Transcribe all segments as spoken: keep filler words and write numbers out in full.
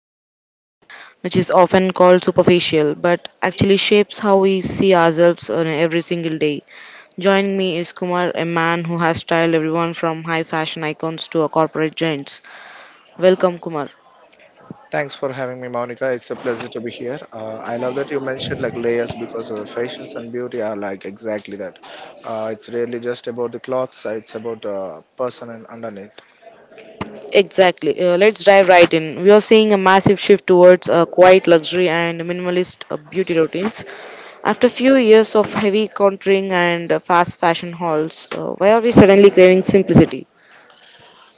of an industry which is often called superficial but actually shapes how we see ourselves on every single day. Joining me is Kumar, a man who has styled everyone from high fashion icons to a corporate giants. Welcome Kumar. Thanks for having me, Monica. It's a pleasure to be here. Uh, I love that you mentioned like layers because uh, fashions and beauty are like exactly that. Uh, it's really just about the clothes. uh, It's about uh, person and underneath. Exactly. Uh, let's dive right in. We are seeing a massive shift towards uh, quiet luxury and minimalist uh, beauty routines. After a few years of heavy contouring and uh, fast fashion hauls, uh, why are we suddenly craving simplicity?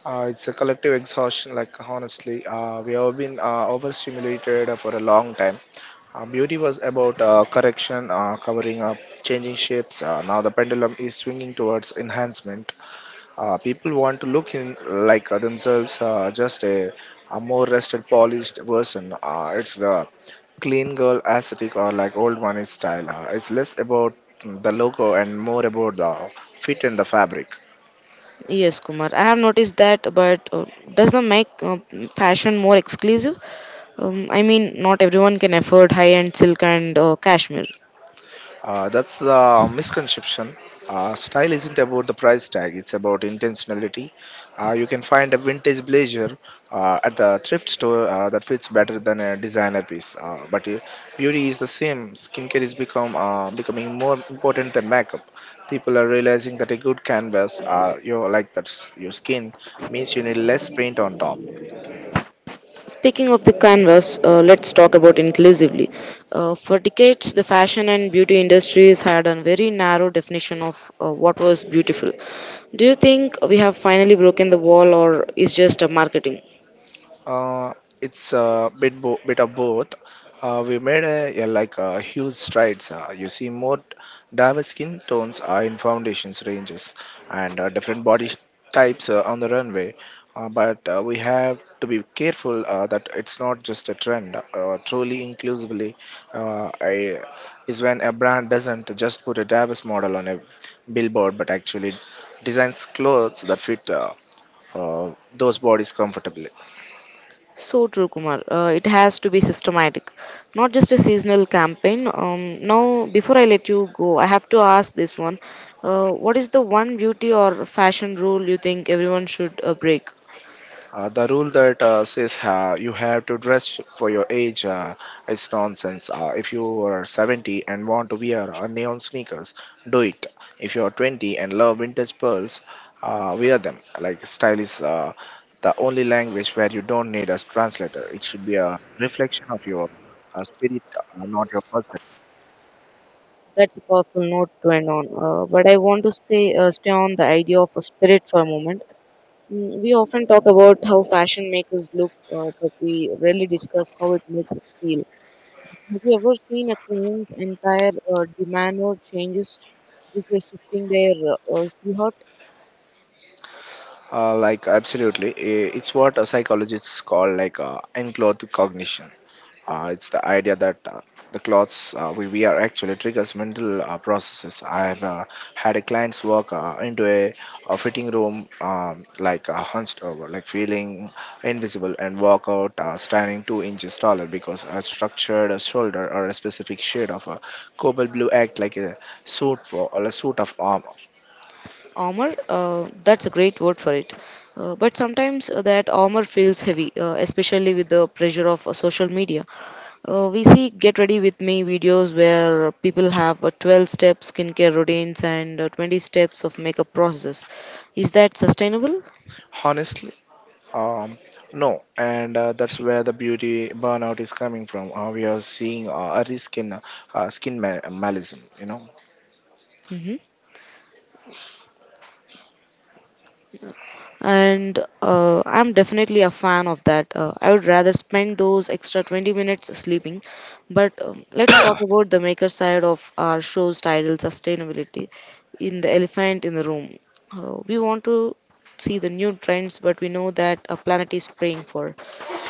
Uh, it's a collective exhaustion. Like honestly, uh, we have been uh, overstimulated uh, for a long time. Uh, beauty was about uh, correction, uh, covering up, changing shapes. Uh, now the pendulum is swinging towards enhancement. Uh, people want to look in like uh, themselves, uh, just a, a more rested, polished version. Uh, it's the clean girl aesthetic or like old money style. Uh, it's less about mm, the logo and more about the fit and the fabric. Yes, Kumar, I have noticed that, but uh, does that make uh, fashion more exclusive? Um, I mean, not everyone can afford high end silk and uh, cashmere. Uh, that's the misconception. Uh, style isn't about the price tag, it's about intentionality. Uh, you can find a vintage blazer uh, at the thrift store uh, that fits better than a designer piece. Uh, but uh, beauty is the same. Skincare is become uh, becoming more important than makeup. People are realizing that a good canvas, uh, you know, like that's your skin, means you need less paint on top. Speaking of the canvas, uh, let's talk about inclusively. Uh, for decades, the fashion and beauty industries had a very narrow definition of uh, what was beautiful. Do you think we have finally broken the wall, or is just a marketing? Uh, it's a bit bo- bit of both. Uh, we made a, yeah, like uh huge strides. Uh, you see more diverse skin tones are in foundations ranges and uh, different body sh- types uh, on the runway. Uh, but uh, we have to be careful uh, that it's not just a trend. Uh, truly inclusively uh, I, is when a brand doesn't just put a diverse model on a billboard, but actually designs clothes that fit uh, uh, those bodies comfortably. So true, Kumar. Uh, it has to be systematic, not just a seasonal campaign. Um, now, before I let you go, I have to ask this one: uh, What is the one beauty or fashion rule you think everyone should uh, break? Uh, the rule that uh, says uh, you have to dress for your age uh, is nonsense. Uh, if you are seventy and want to wear uh, neon sneakers, do it. If you are twenty and love vintage pearls, uh, wear them. Like style is uh, the only language where you don't need a translator. It should be a reflection of your uh, spirit, uh, not your perception. That's a powerful note to end on. Uh, but I want to say, uh, stay on the idea of a spirit for a moment. Mm, We often talk about how fashion makes us look, uh, but we rarely discuss how it makes us feel. Have you ever seen a queen's entire uh, demeanor changes just by shifting their uh, silhouette? Uh, like absolutely, I- it's what a psychologists call like uh, enclothed cognition. Uh, it's the idea that uh, the clothes uh, we wear actually triggers mental uh, processes. I have uh, had a client's walk uh, into a, a fitting room um, like uh, hunched over, like feeling invisible, and walk out uh, standing two inches taller because a structured shoulder or a specific shade of a cobalt blue act like a suit for or a suit of armor. Armor, uh, that's a great word for it, uh, but sometimes uh, that armor feels heavy, uh, especially with the pressure of uh, social media. Uh, we see get ready with me videos where people have uh, twelve step skincare routines and uh, twenty steps of makeup process. Is that sustainable? Honestly, Um, no, and uh, that's where the beauty burnout is coming from. Uh, we are seeing uh, a risk in uh, uh, skin ma- malism. You know, Hmm and uh, I'm definitely a fan of that. Uh, i would rather spend those extra twenty minutes sleeping, but um, let's talk about the maker side of our show's title, sustainability, in the elephant in the room. Uh, we want to see the new trends, but we know that a planet is praying for.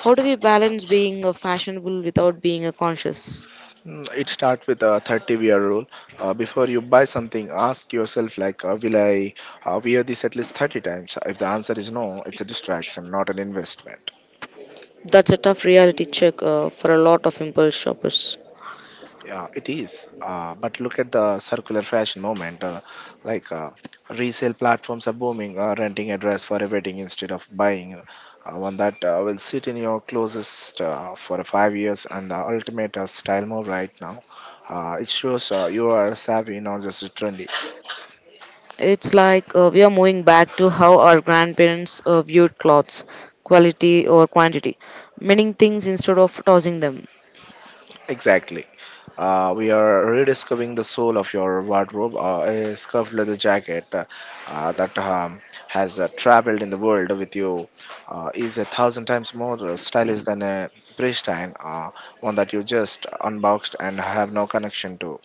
How do we balance being uh, fashionable without being a conscious? Mm, it starts with a thirty-year rule. Uh, before you buy something, ask yourself, like, uh, will I uh, wear this at least thirty times? If the answer is no, it's a distraction, not an investment. That's a tough reality check uh, for a lot of impulse shoppers. Yeah, it is. Uh, but look at the circular fashion moment. Uh, like uh, Resale platforms are booming. Uh, renting a dress for a wedding instead of buying uh, one that uh, will sit in your closest uh, for five years. And the ultimate uh, style move right now. Uh, it shows uh, you are savvy, not just trendy. It's like uh, we are moving back to how our grandparents uh, viewed clothes, quality or quantity, mending things instead of tossing them. Exactly. Uh, we are rediscovering the soul of your wardrobe, uh, a scuffed leather jacket uh, uh, that um, has uh, traveled in the world with you uh, is a thousand times more stylish than a pristine uh, one that you just unboxed and have no connection to.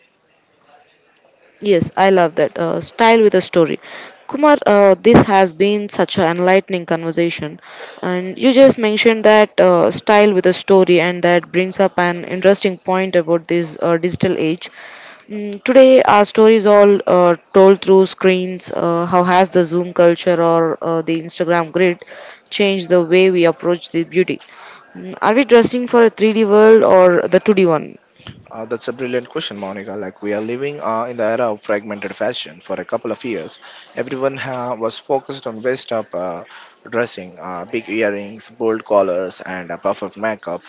Yes, I love that. Uh, style with a story. Kumar, uh, this has been such an enlightening conversation. And you just mentioned that uh, style with a story, and that brings up an interesting point about this uh, digital age. Mm, today, our stories all uh, told through screens. Uh, how has the Zoom culture or uh, the Instagram grid changed the way we approach the beauty? Mm, Are we dressing for a three D world or the two D one? Uh, that's a brilliant question, Monica. Like we are living uh, in the era of fragmented fashion. For a couple of years, everyone uh, was focused on waist-up uh, dressing, uh, big earrings, bold collars, and uh, perfect makeup,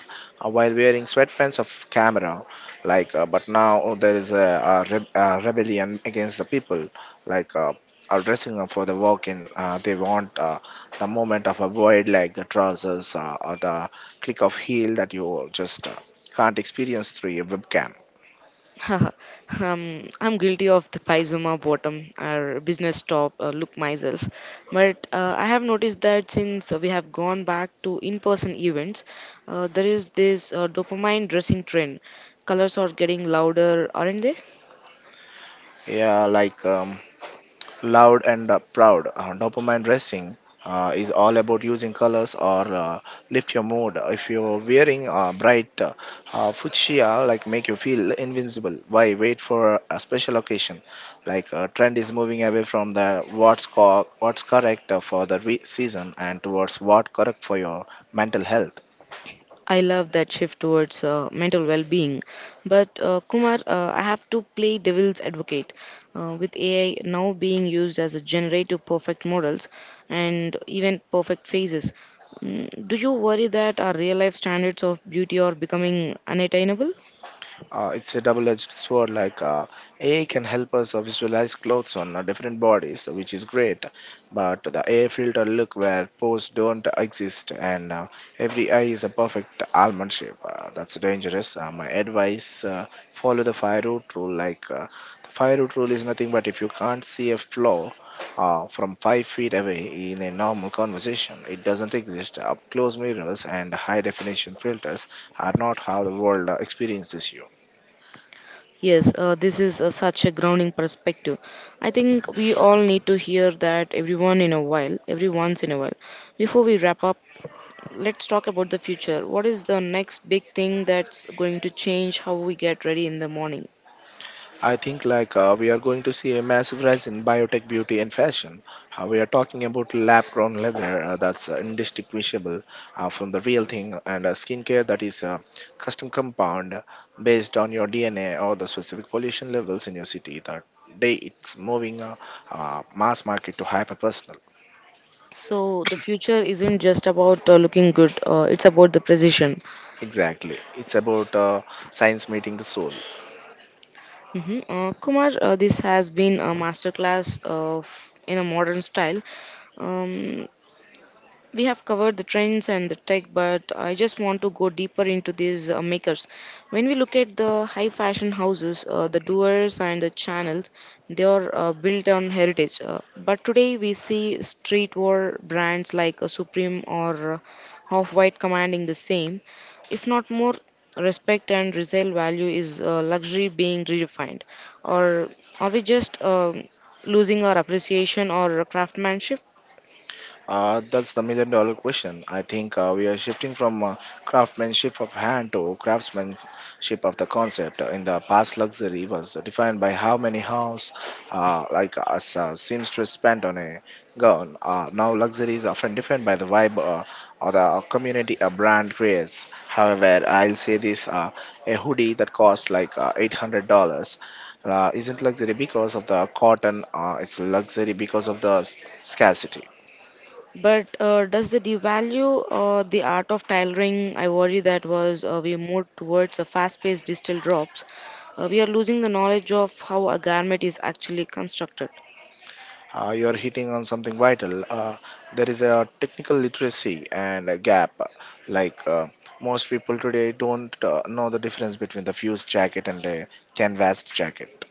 uh, while wearing sweatpants of camera. Like, uh, but now oh, there is a, a, re- a rebellion against the people. Like. Uh, are dressing up for the walk-in. Uh, they want uh, the moment of a wide leg trousers uh, or the click of heel that you just uh, can't experience through a webcam. um, I'm guilty of the Paizuma bottom or business top uh, look myself. But uh, I have noticed that since we have gone back to in person events, uh, there is this uh, dopamine dressing trend. Colors are getting louder, aren't they? Yeah, like um, Loud and uh, Proud, uh, dopamine dressing. Uh, is all about using colors or uh, lift your mood. If you're wearing uh, bright uh, uh, fuchsia, like make you feel invincible. Why wait for a special occasion? Like uh, trend is moving away from the what's co- what's correct uh, for the re- season and towards what correct for your mental health. I love that shift towards uh, mental well-being. But uh, Kumar, uh, I have to play devil's advocate. Uh, with A I now being used as a generator of perfect models and even perfect faces, mm, do you worry that our real-life standards of beauty are becoming unattainable? Uh, it's a double-edged sword. Like uh, A I can help us uh, visualize clothes on uh, different bodies, which is great. But the A I filter look where pores don't exist, and uh, every eye is a perfect almond shape. Uh, that's dangerous. Uh, my advice: uh, follow the fire root rule. Like uh, the fire root rule is nothing but if you can't see a flaw uh, from five feet away in a normal conversation, it doesn't exist. Up close mirrors and high definition filters are not how the world uh, experiences you. Yes, uh, this is uh, such a grounding perspective. I think we all need to hear that everyone in a while, every once in a while. Before we wrap up, let's talk about the future. What is the next big thing that's going to change how we get ready in the morning? I think like uh, we are going to see a massive rise in biotech beauty and fashion. Uh, we are talking about lab-grown leather uh, that's uh, indistinguishable uh, from the real thing, and uh, skincare that is a custom compound based on your D N A or the specific pollution levels in your city. That day it's moving uh, uh, mass market to hyper personal. So, the future isn't just about uh, looking good, uh, it's about the precision. Exactly, it's about uh, science meeting the soul. hmm Uh, Kumar, uh, this has been a masterclass of in a modern style. Um, We have covered the trends and the tech, but I just want to go deeper into these uh, makers. When we look at the high fashion houses, uh, the doers and the channels, they are uh, built on heritage. Uh, but today we see streetwear brands like uh, Supreme or uh, Off White commanding the same, if not more respect and resale value. Is uh, luxury being redefined or are we just um losing our appreciation or craftsmanship? Uh, that's the million dollar question. I think uh, we are shifting from uh, craftsmanship of hand to craftsmanship of the concept. In the past, luxury was defined by how many hours, uh, like a seamstress spent on a gown. Uh, now, luxury is often defined by the vibe uh, or the community a brand creates. However, I'll say this: uh, a hoodie that costs like uh, eight hundred dollars. Uh, isn't luxury because of the cotton, uh, it's luxury because of the s- scarcity. But uh, does the devalue uh, the art of tailoring? I worry that was uh, we move towards a fast-paced digital drops. Uh, we are losing the knowledge of how a garment is actually constructed. Uh, you are hitting on something vital. Uh, there is a technical literacy and a gap. Like uh, Most people today don't uh, know the difference between the fused jacket and a canvas jacket.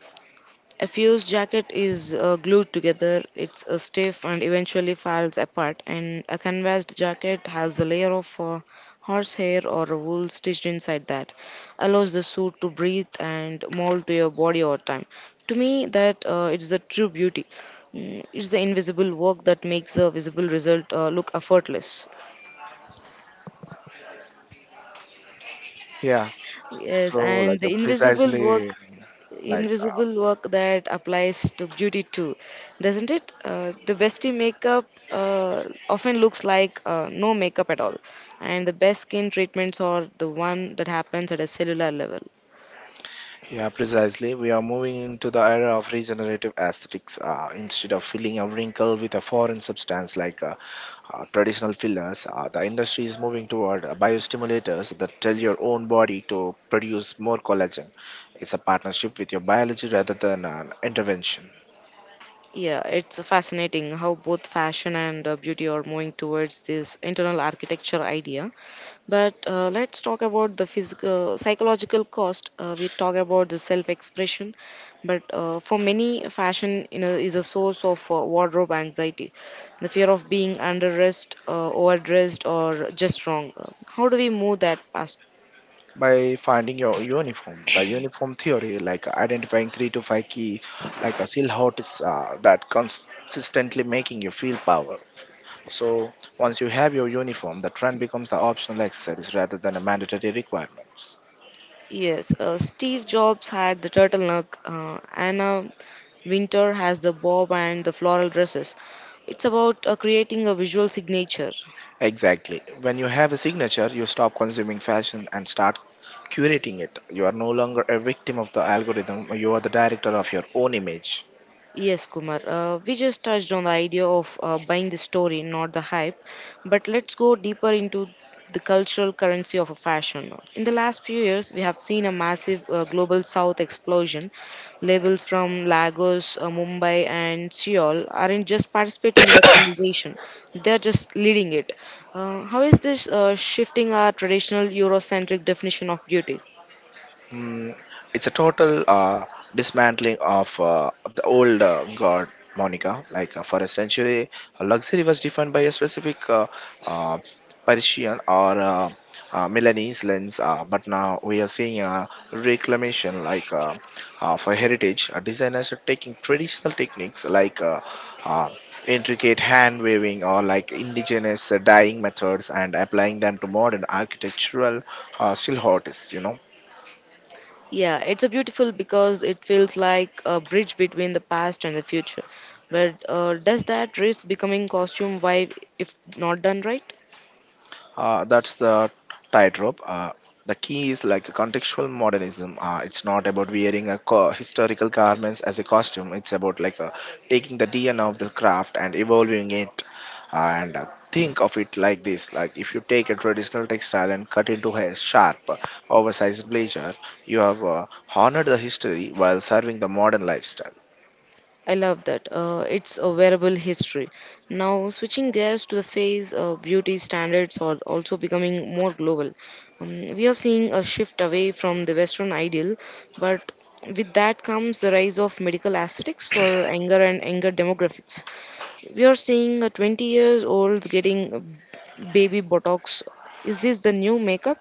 A fused jacket is uh, glued together, it's uh, stiff and eventually falls apart, and a canvased jacket has a layer of uh, horsehair or wool stitched inside that allows the suit to breathe and mold to your body over time. To me, that uh, it's the true beauty. Mm, It's the invisible work that makes the visible result uh, look effortless. Yeah. So Yes, and like uh, the invisible work, Precisely. like uh, invisible work that applies to beauty too, doesn't it? Uh, the bestie makeup uh, often looks like uh, no makeup at all, and the best skin treatments are the one that happens at a cellular level. yeah Precisely, we are moving into the era of regenerative aesthetics. Uh, instead of filling a wrinkle with a foreign substance like uh, uh, traditional fillers, uh, the industry is moving toward uh, biostimulators that tell your own body to produce more collagen. It's a partnership with your biology rather than an intervention. Yeah, it's fascinating how both fashion and uh, beauty are moving towards this internal architecture idea. But uh, let's talk about the physical, psychological cost. Uh, we talk about the self-expression, but uh, for many, fashion you know, is a source of uh, wardrobe anxiety, the fear of being underdressed, uh, overdressed, or just wrong. Uh, how do we move that past? By finding your uniform, the uniform theory, like identifying three to five key, like a seal hots uh, that consistently making you feel power. So once you have your uniform, the trend becomes the optional exercise rather than a mandatory requirement. Yes, uh, Steve Jobs had the turtleneck, uh, Anna Winter has the bob and the floral dresses. It's about uh, creating a visual signature. Exactly. When you have a signature, you stop consuming fashion and start curating it. You are no longer a victim of the algorithm, you are the director of your own image. Yes, Kumar. Uh, we just touched on the idea of uh, buying the story, not the hype. But let's go deeper into the cultural currency of a fashion. In the last few years, we have seen a massive uh, global South explosion. Labels from Lagos, uh, Mumbai, and Seoul aren't just participating in the conversation; they're just leading it. Uh, how is this uh, shifting our traditional Eurocentric definition of beauty? Mm, it's a total uh, dismantling of uh, the old uh, god, Monica. Like uh, for a century, uh, luxury was defined by a specific uh, uh, Parisian or uh, uh, Milanese lens, uh, but now we are seeing a reclamation like uh, uh, for heritage. Uh, designers are taking traditional techniques like uh, uh, intricate hand weaving or like indigenous uh, dyeing methods and applying them to modern architectural uh, silhouettes, you know. Yeah, it's a beautiful because it feels like a bridge between the past and the future. But uh, does that risk becoming costume vibe if not done right? Uh, that's the tightrope. Uh, the key is like contextual modernism. Uh, it's not about wearing a co- historical garments as a costume. It's about like uh, taking the D N A of the craft and evolving it. And uh, Think of it like this: like if you take a traditional textile and cut into a sharp, oversized blazer, you have uh, honored the history while serving the modern lifestyle. I love that. Uh, it's a wearable history. Now, switching gears to the phase, uh, beauty standards are also becoming more global. Um, we are seeing a shift away from the Western ideal, but with that comes the rise of medical aesthetics for younger and younger demographics. We are seeing a twenty years olds getting uh, baby botox. Is this the new makeup?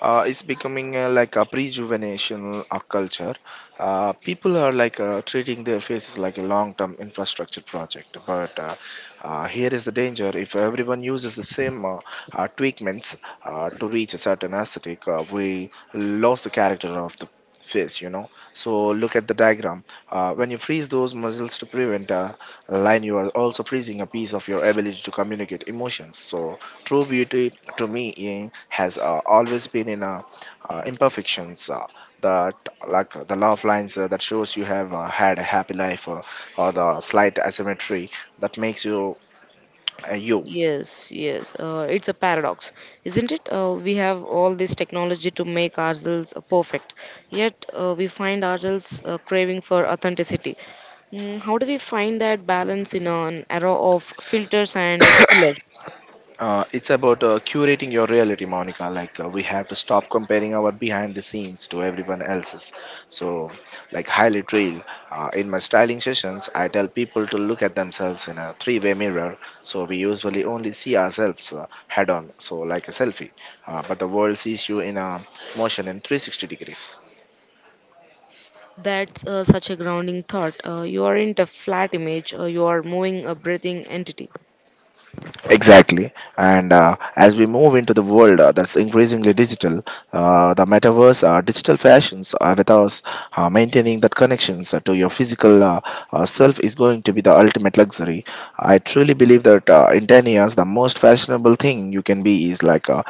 uh, It's becoming uh, like a rejuvenation uh, culture. Uh, people are like uh, treating their faces like a long-term infrastructure project. But uh, uh, here is the danger: if everyone uses the same uh, uh, treatments uh, to reach a certain aesthetic, uh, we lost the character of the face, you know. So look at the diagram, uh, when you freeze those muscles to prevent uh, a line, you are also freezing a piece of your ability to communicate emotions. So true beauty to me eh, has uh, always been in uh, uh, imperfections uh, that like uh, the love lines uh, that shows you have uh, had a happy life, uh, or the slight asymmetry that makes you uh, you. Yes, yes. Uh, it's a paradox, isn't it? Uh, we have all this technology to make ourselves uh, perfect, yet uh, we find ourselves uh, craving for authenticity. Mm, how do we find that balance in an era of filters and uh, fillers? Uh, it's about uh, curating your reality, Monica. Like uh, we have to stop comparing our behind the scenes to everyone else's. So, like highlight trail. Uh, in my styling sessions, I tell people to look at themselves in a three-way mirror. So we usually only see ourselves uh, head-on. So like a selfie, uh, but the world sees you in a motion in three sixty degrees. That's uh, such a grounding thought. Uh, you aren't a flat image, uh, you are moving a breathing entity. Exactly. And uh, as we move into the world uh, that's increasingly digital, uh, the metaverse, uh, digital fashions, uh, with us uh, maintaining that connections uh, to your physical uh, uh, self is going to be the ultimate luxury. I truly believe that uh, in ten years, the most fashionable thing you can be is like uh,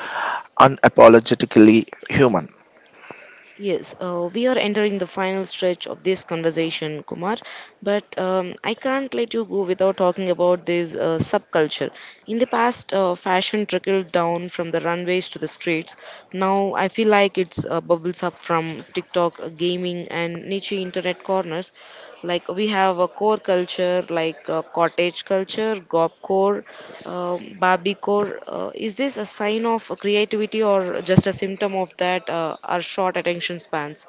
unapologetically human. Yes, uh, we are entering the final stretch of this conversation, Kumar. But um, I can't let you go without talking about this uh, subculture. In the past, uh, fashion trickled down from the runways to the streets. Now I feel like it's uh, bubbles up from TikTok, uh, gaming, and niche internet corners. Like we have a core culture, like uh, cottage culture, gob core, uh, Barbie core. Uh, is this a sign of creativity or just a symptom of that uh, our short attention spans?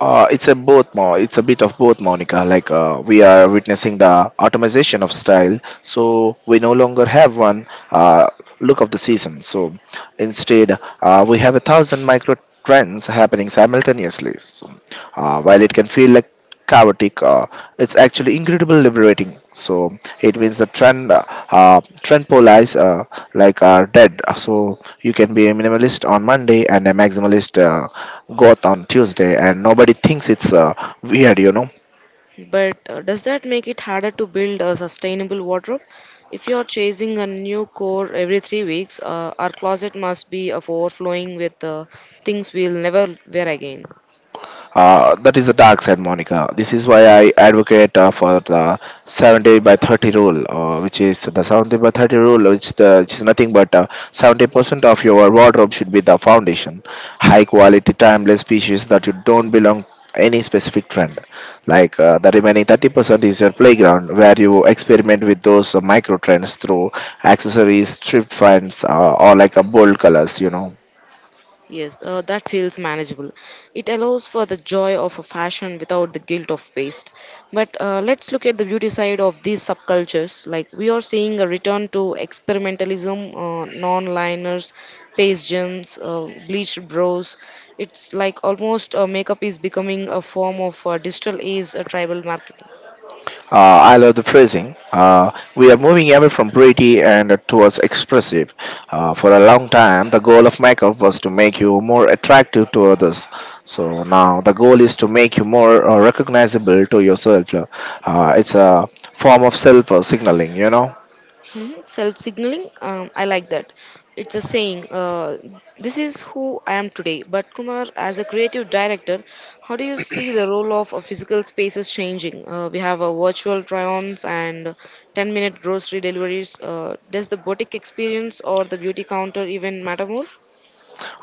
Uh, it's a both mo it's a bit of both, Monica. Like uh, we are witnessing the automation of style, so we no longer have one uh, look of the season. So instead, uh, we have a thousand micro trends happening simultaneously. So, uh, while it can feel like chaotic, uh, it's actually incredibly liberating. So it means the trend, uh, uh, trend polarize uh, like are dead. So you can be a minimalist on Monday and a maximalist uh, goth on Tuesday, and nobody thinks it's uh, weird, you know. But uh, does that make it harder to build a sustainable wardrobe? If you're chasing a new core every three weeks, uh, our closet must be of overflowing with uh, things we'll never wear again. Uh, that is the dark side, Monica. This is why I advocate uh, for the seventy by thirty rule, uh, which is the seventy by thirty rule, which, the, which is nothing but uh, seventy percent of your wardrobe should be the foundation. High quality, timeless pieces that you don't belong any specific trend. Like uh, the remaining thirty percent is your playground where you experiment with those uh, micro trends through accessories, thrift finds, uh, or like a bold colors, you know. Yes, uh, that feels manageable. It allows for the joy of a fashion without the guilt of waste. But uh, let's look at the beauty side of these subcultures. Like we are seeing a return to experimentalism, uh, non-liners, face gems, uh, bleached brows. It's like almost uh, makeup is becoming a form of uh, digital age uh, tribal marketing. Uh, I love the phrasing. Uh, we are moving away from pretty and towards expressive. Uh, for a long time, the goal of makeup was to make you more attractive to others. So now the goal is to make you more uh, recognizable to yourself. Uh, it's a form of self uh, signaling, you know. Hmm. Self signaling, um, I like that. It's a saying, uh, this is who I am today. But Kumar, as a creative director, how do you see the role of uh, physical spaces changing? Uh, we have uh, virtual try-ons and ten minute grocery deliveries. Uh, does the boutique experience or the beauty counter even matter more?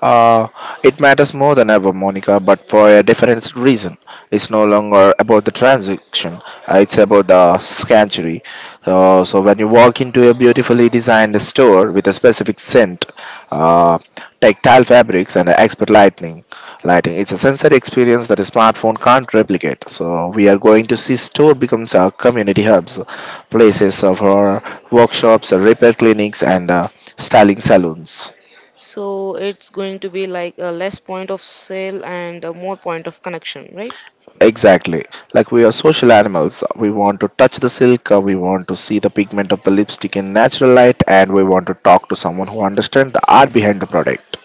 Uh, it matters more than ever, Monica, but for a different reason. It's no longer about the transaction, uh, it's about the sanctuary. Uh, so, when you walk into a beautifully designed store with a specific scent, uh, tactile fabrics, and expert lighting, lighting, it's a sensory experience that a smartphone can't replicate. So, we are going to see store becomes our community hubs, places of our workshops, repair clinics, and uh, styling salons. So it's going to be like a less point of sale and a more point of connection, right? Exactly. Like we are social animals. We want to touch the silk, uh, we want to see the pigment of the lipstick in natural light, and we want to talk to someone who understands the art behind the product.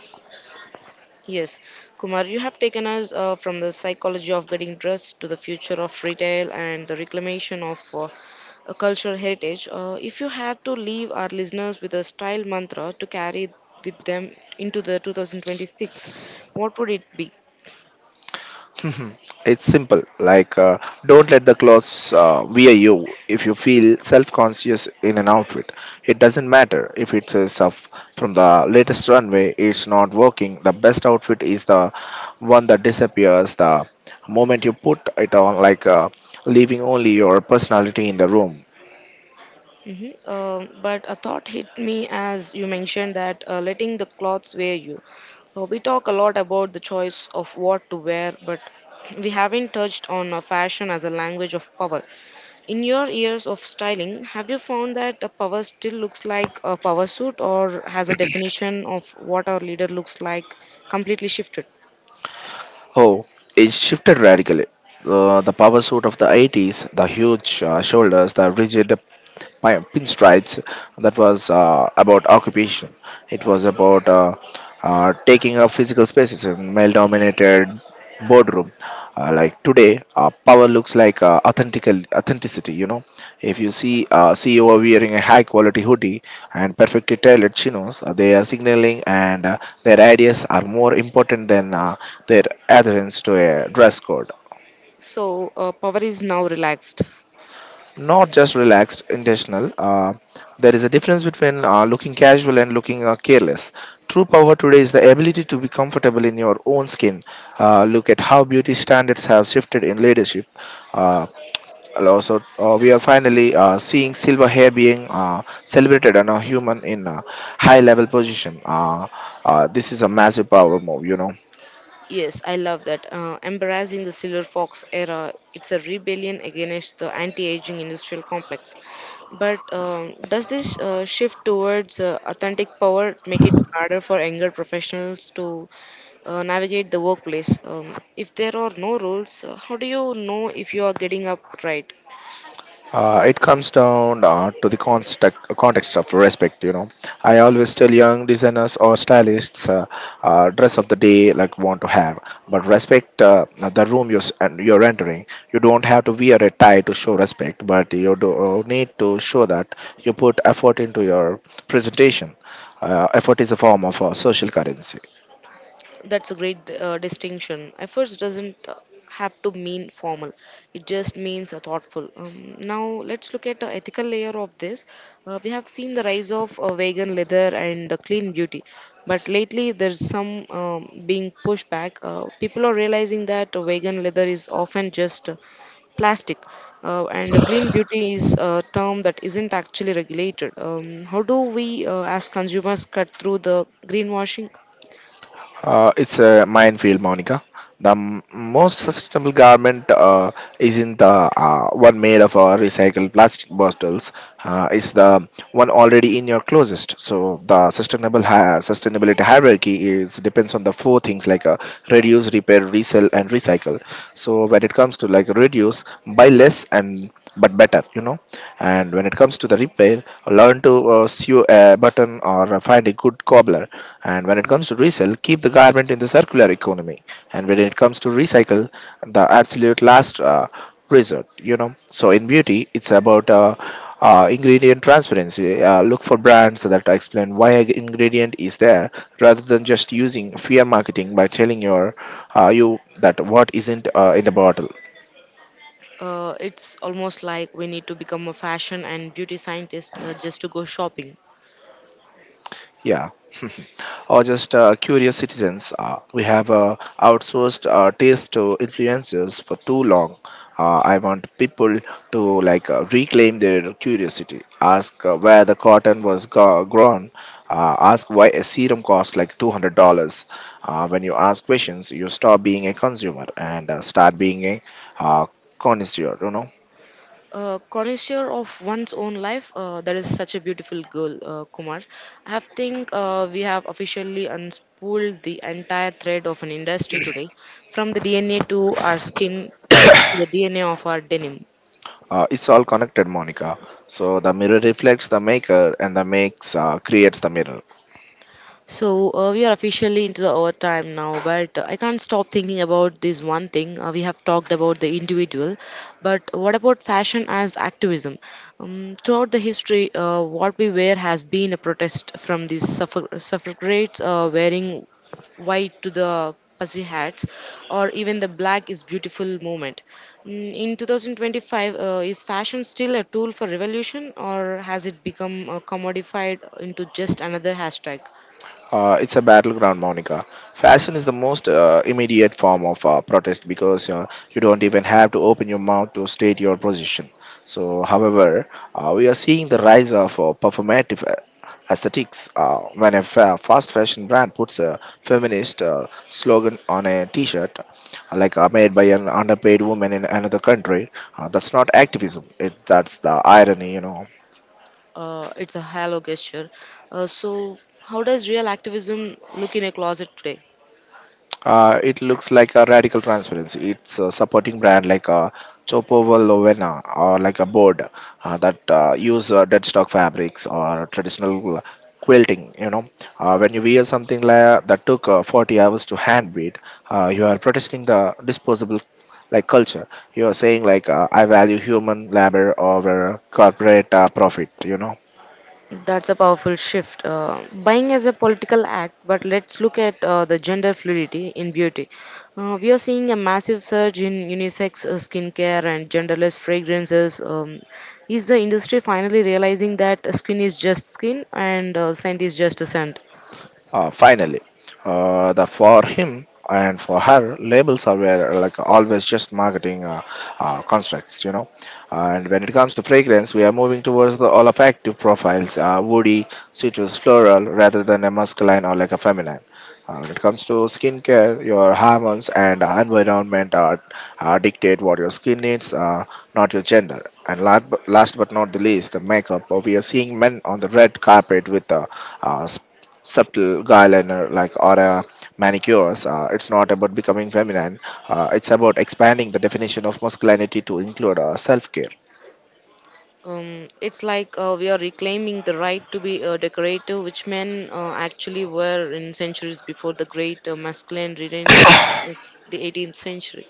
Yes, Kumar, you have taken us uh, from the psychology of getting dressed to the future of retail and the reclamation of uh, a cultural heritage. Uh, if you had to leave our listeners with a style mantra to carry with them into the two thousand twenty-six, what would it be? It's simple. Like, uh, don't let the clothes uh, wear you. If you feel self-conscious in an outfit, it doesn't matter if it is of from the latest runway. It's not working. The best outfit is the one that disappears the moment you put it on. Like, uh, leaving only your personality in the room. Hmm Um but a thought hit me as you mentioned that uh, letting the clothes wear you. Uh, we talk a lot about the choice of what to wear, but we haven't touched on uh, fashion as a language of power. In your years of styling, have you found that a power still looks like a power suit or has a definition of what our leader looks like completely shifted? Oh, it shifted radically. Uh, the power suit of the eighties, the huge uh, shoulders, the rigid my pinstripes, that was uh, about occupation. It was about uh, uh, taking up physical spaces in male dominated boardroom. Uh, like today, uh, power looks like uh, authentical authenticity, you know. If you see uh, ceo wearing a high quality hoodie and perfectly tailored chinos, uh, they are signaling and uh, their ideas are more important than uh, their adherence to a dress code. So, uh, power is now relaxed. Not just relaxed, intentional. Uh, there is a difference between uh, looking casual and looking uh, careless. True power today is the ability to be comfortable in your own skin. Uh, look at how beauty standards have shifted in leadership. Uh, and also uh, we are finally uh, seeing silver hair being uh, celebrated and a human in a high level position. Uh, uh, this is a massive power move, you know. Yes, I love that. Uh, embracing the Silver Fox era, it's a rebellion against the anti-aging industrial complex. But um, does this uh, shift towards uh, authentic power make it harder for younger professionals to uh, navigate the workplace? Um, if there are no rules, uh, how do you know if you are getting up right? Uh, it comes down uh, to the context, context of respect, you know. I always tell young designers or stylists, uh, uh, dress of the day like want to have, but respect uh, the room you're, s- and you're entering. You don't have to wear a tie to show respect, but you do uh, need to show that you put effort into your presentation. Uh, effort is a form of uh, social currency. That's a great uh, distinction. Efforts doesn't uh, have to mean formal. It just means uh, thoughtful. Um, now let's look at the ethical layer of this. Uh, we have seen the rise of uh, vegan leather and uh, clean beauty, but lately there's some um, being pushed back. Uh, people are realizing that uh, vegan leather is often just uh, plastic, uh, and uh, clean beauty is a term that isn't actually regulated. Um, how do we, uh, as consumers, cut through the greenwashing? Uh, it's a minefield, Monica. The m- most sustainable garment uh, isn't the uh, one made of uh, recycled plastic bottles. Uh, it's the one already in your closest. So the sustainable hi- sustainability hierarchy is depends on the four things, like uh, reduce, repair, resell, and recycle. So when it comes to like reduce, buy less and but better, you know. And when it comes to the repair, learn to uh, sew a button or find a good cobbler. And when it comes to resell, keep the garment in the circular economy. And when it comes to recycle, the absolute last uh, resort, you know. So in beauty it's about uh, uh, ingredient transparency. Uh, look for brands that explain why an ingredient is there rather than just using fear marketing by telling your uh, you that what isn't uh, in the bottle. Uh, it's almost like we need to become a fashion and beauty scientist uh, just to go shopping. Yeah, or just uh, curious citizens. Uh, we have uh, outsourced uh, taste to influencers for too long. Uh, I want people to like uh, reclaim their curiosity. Ask uh, where the cotton was go- grown. Uh, ask why a serum costs like two hundred dollars. Uh, when you ask questions, you stop being a consumer and uh, start being a uh, connoisseur. You know, Uh, connoisseur of one's own life, uh, that is such a beautiful girl, uh, Kumar. I think uh, we have officially unspooled the entire thread of an industry today, from the D N A to our skin to the D N A of our denim. uh, it's all connected, Monica. So the mirror reflects the maker, and the makes uh, creates the mirror. So uh, we are officially into the overtime now, but I can't stop thinking about this one thing. Uh, we have talked about the individual, but what about fashion as activism? Um, throughout the history, uh, what we wear has been a protest from these suffra- suffragettes uh, wearing white to the pussy hats, or even the black is beautiful movement. Mm, in twenty twenty-five, uh, is fashion still a tool for revolution or has it become uh, commodified into just another hashtag? Uh, it's a battleground, Monica. Fashion is the most uh, immediate form of uh, protest because uh, you don't even have to open your mouth to state your position. So, however, uh, we are seeing the rise of uh, performative a- aesthetics. Uh, when a fa- fast fashion brand puts a feminist uh, slogan on a t-shirt, like uh, made by an underpaid woman in another country. Uh, that's not activism. It that's the irony, you know. Uh, it's a halo gesture. Uh, so, how does real activism look in a closet today? Uh, it looks like a radical transparency. It's a supporting brand like a Chopovo Lovena or like a board, uh, that uh, use uh, deadstock fabrics or traditional uh, quilting. You know, uh, when you wear something like that took uh, forty hours to hand beat, uh, you are protesting the disposable like culture. You are saying like uh, I value human labor over corporate uh, profit. You know. That's a powerful shift. Uh, buying as a political act, but let's look at uh, the gender fluidity in beauty. Uh, we are seeing a massive surge in unisex uh, skincare and genderless fragrances. Um, is the industry finally realizing that skin is just skin and uh, scent is just a scent? Uh, finally, uh, the for him and for her labels are were like always just marketing uh, uh, constructs, you know. And when it comes to fragrance, we are moving towards the olfactive profiles, uh, woody, citrus, floral, rather than a masculine or like a feminine. Uh, when it comes to skincare, your hormones and uh, environment are, are dictate what your skin needs, uh, not your gender. And last but, last but not the least, the makeup. Uh, We are seeing men on the red carpet with uh, uh, subtle eyeliner like or a manicures. Uh, it's not about becoming feminine. Uh, it's about expanding the definition of masculinity to include uh, self-care. Um, it's like uh, we are reclaiming the right to be uh, decorative, which men uh, actually were in centuries before the great uh, masculine renaissance of the eighteenth century.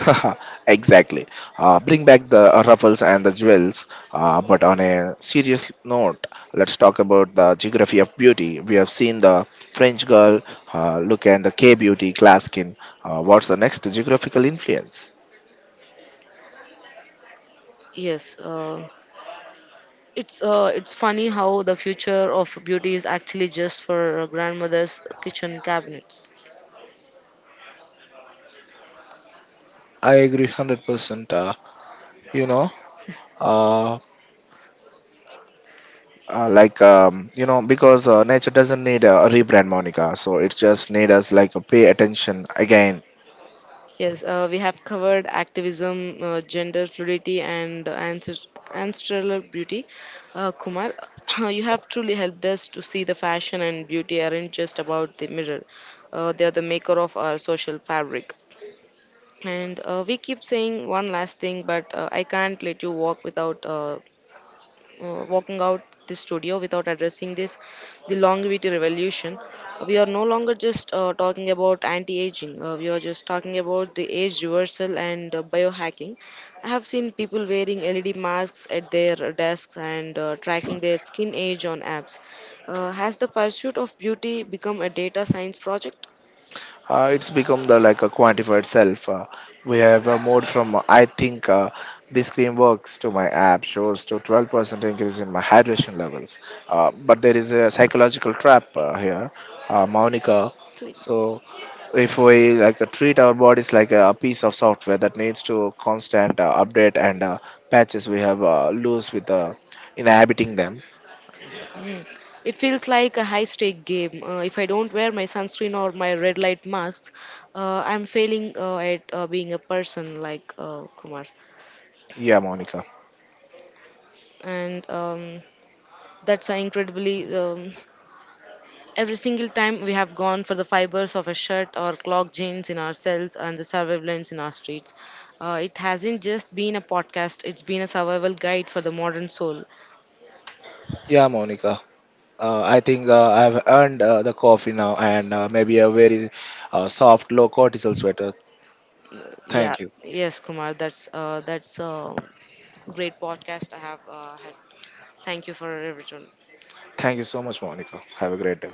Exactly. Uh, bring back the uh, ruffles and the jewels. Uh, but on a serious note, let's talk about the geography of beauty. We have seen the french girl uh, look and the k beauty glass skin. Uh, what's the next geographical influence? Yes, uh, it's uh, it's funny how the future of beauty is actually just for uh, grandmother's kitchen cabinets. I agree one hundred percent. Uh, you know, uh, uh, like um, you know Because uh, nature doesn't need a rebrand, Monica, so it just need us like a pay attention again. Yes, uh, we have covered activism, uh, gender fluidity, and uh, ancest- ancestral beauty. Uh, Kumar, you have truly helped us to see the fashion and beauty aren't just about the mirror, uh, they are the maker of our social fabric. And uh, we keep saying one last thing, but uh, I can't let you walk without uh, uh, walking out the studio without addressing this, the longevity revolution. We are no longer just uh, talking about anti-aging, uh, we are just talking about the age reversal and uh, biohacking. I have seen people wearing led masks at their desks and uh, tracking their skin age on apps. Uh, has the pursuit of beauty become a data science project? Uh, it's become the like a quantified self. Uh, we have uh, moved from uh, I think uh, this cream works to my app shows to twelve percent increase in my hydration levels. Uh, but there is a psychological trap uh, here, uh, Monica. So if we like uh, treat our bodies like a piece of software that needs to constant uh, update and uh, patches, we have uh, lose with uh, inhabiting them. It feels like a high stake game. Uh, if I don't wear my sunscreen or my red light masks, uh, I'm failing uh, at uh, being a person like uh, Kumar. Yeah, Monica. And um, that's uh, incredibly. Um, every single time we have gone for the fibers of a shirt or clog jeans in our cells and the surveillance in our streets. Uh, it hasn't just been a podcast, it's been a survival guide for the modern soul. Yeah, Monica. Uh, I think uh, I've earned uh, the coffee now and uh, maybe a very uh, soft, low cortisol sweater. Yeah, Thank you. yes, Kumar, that's uh, that's a great podcast I have uh, had. Thank you for everything. Thank you so much, Monica. Have a great day.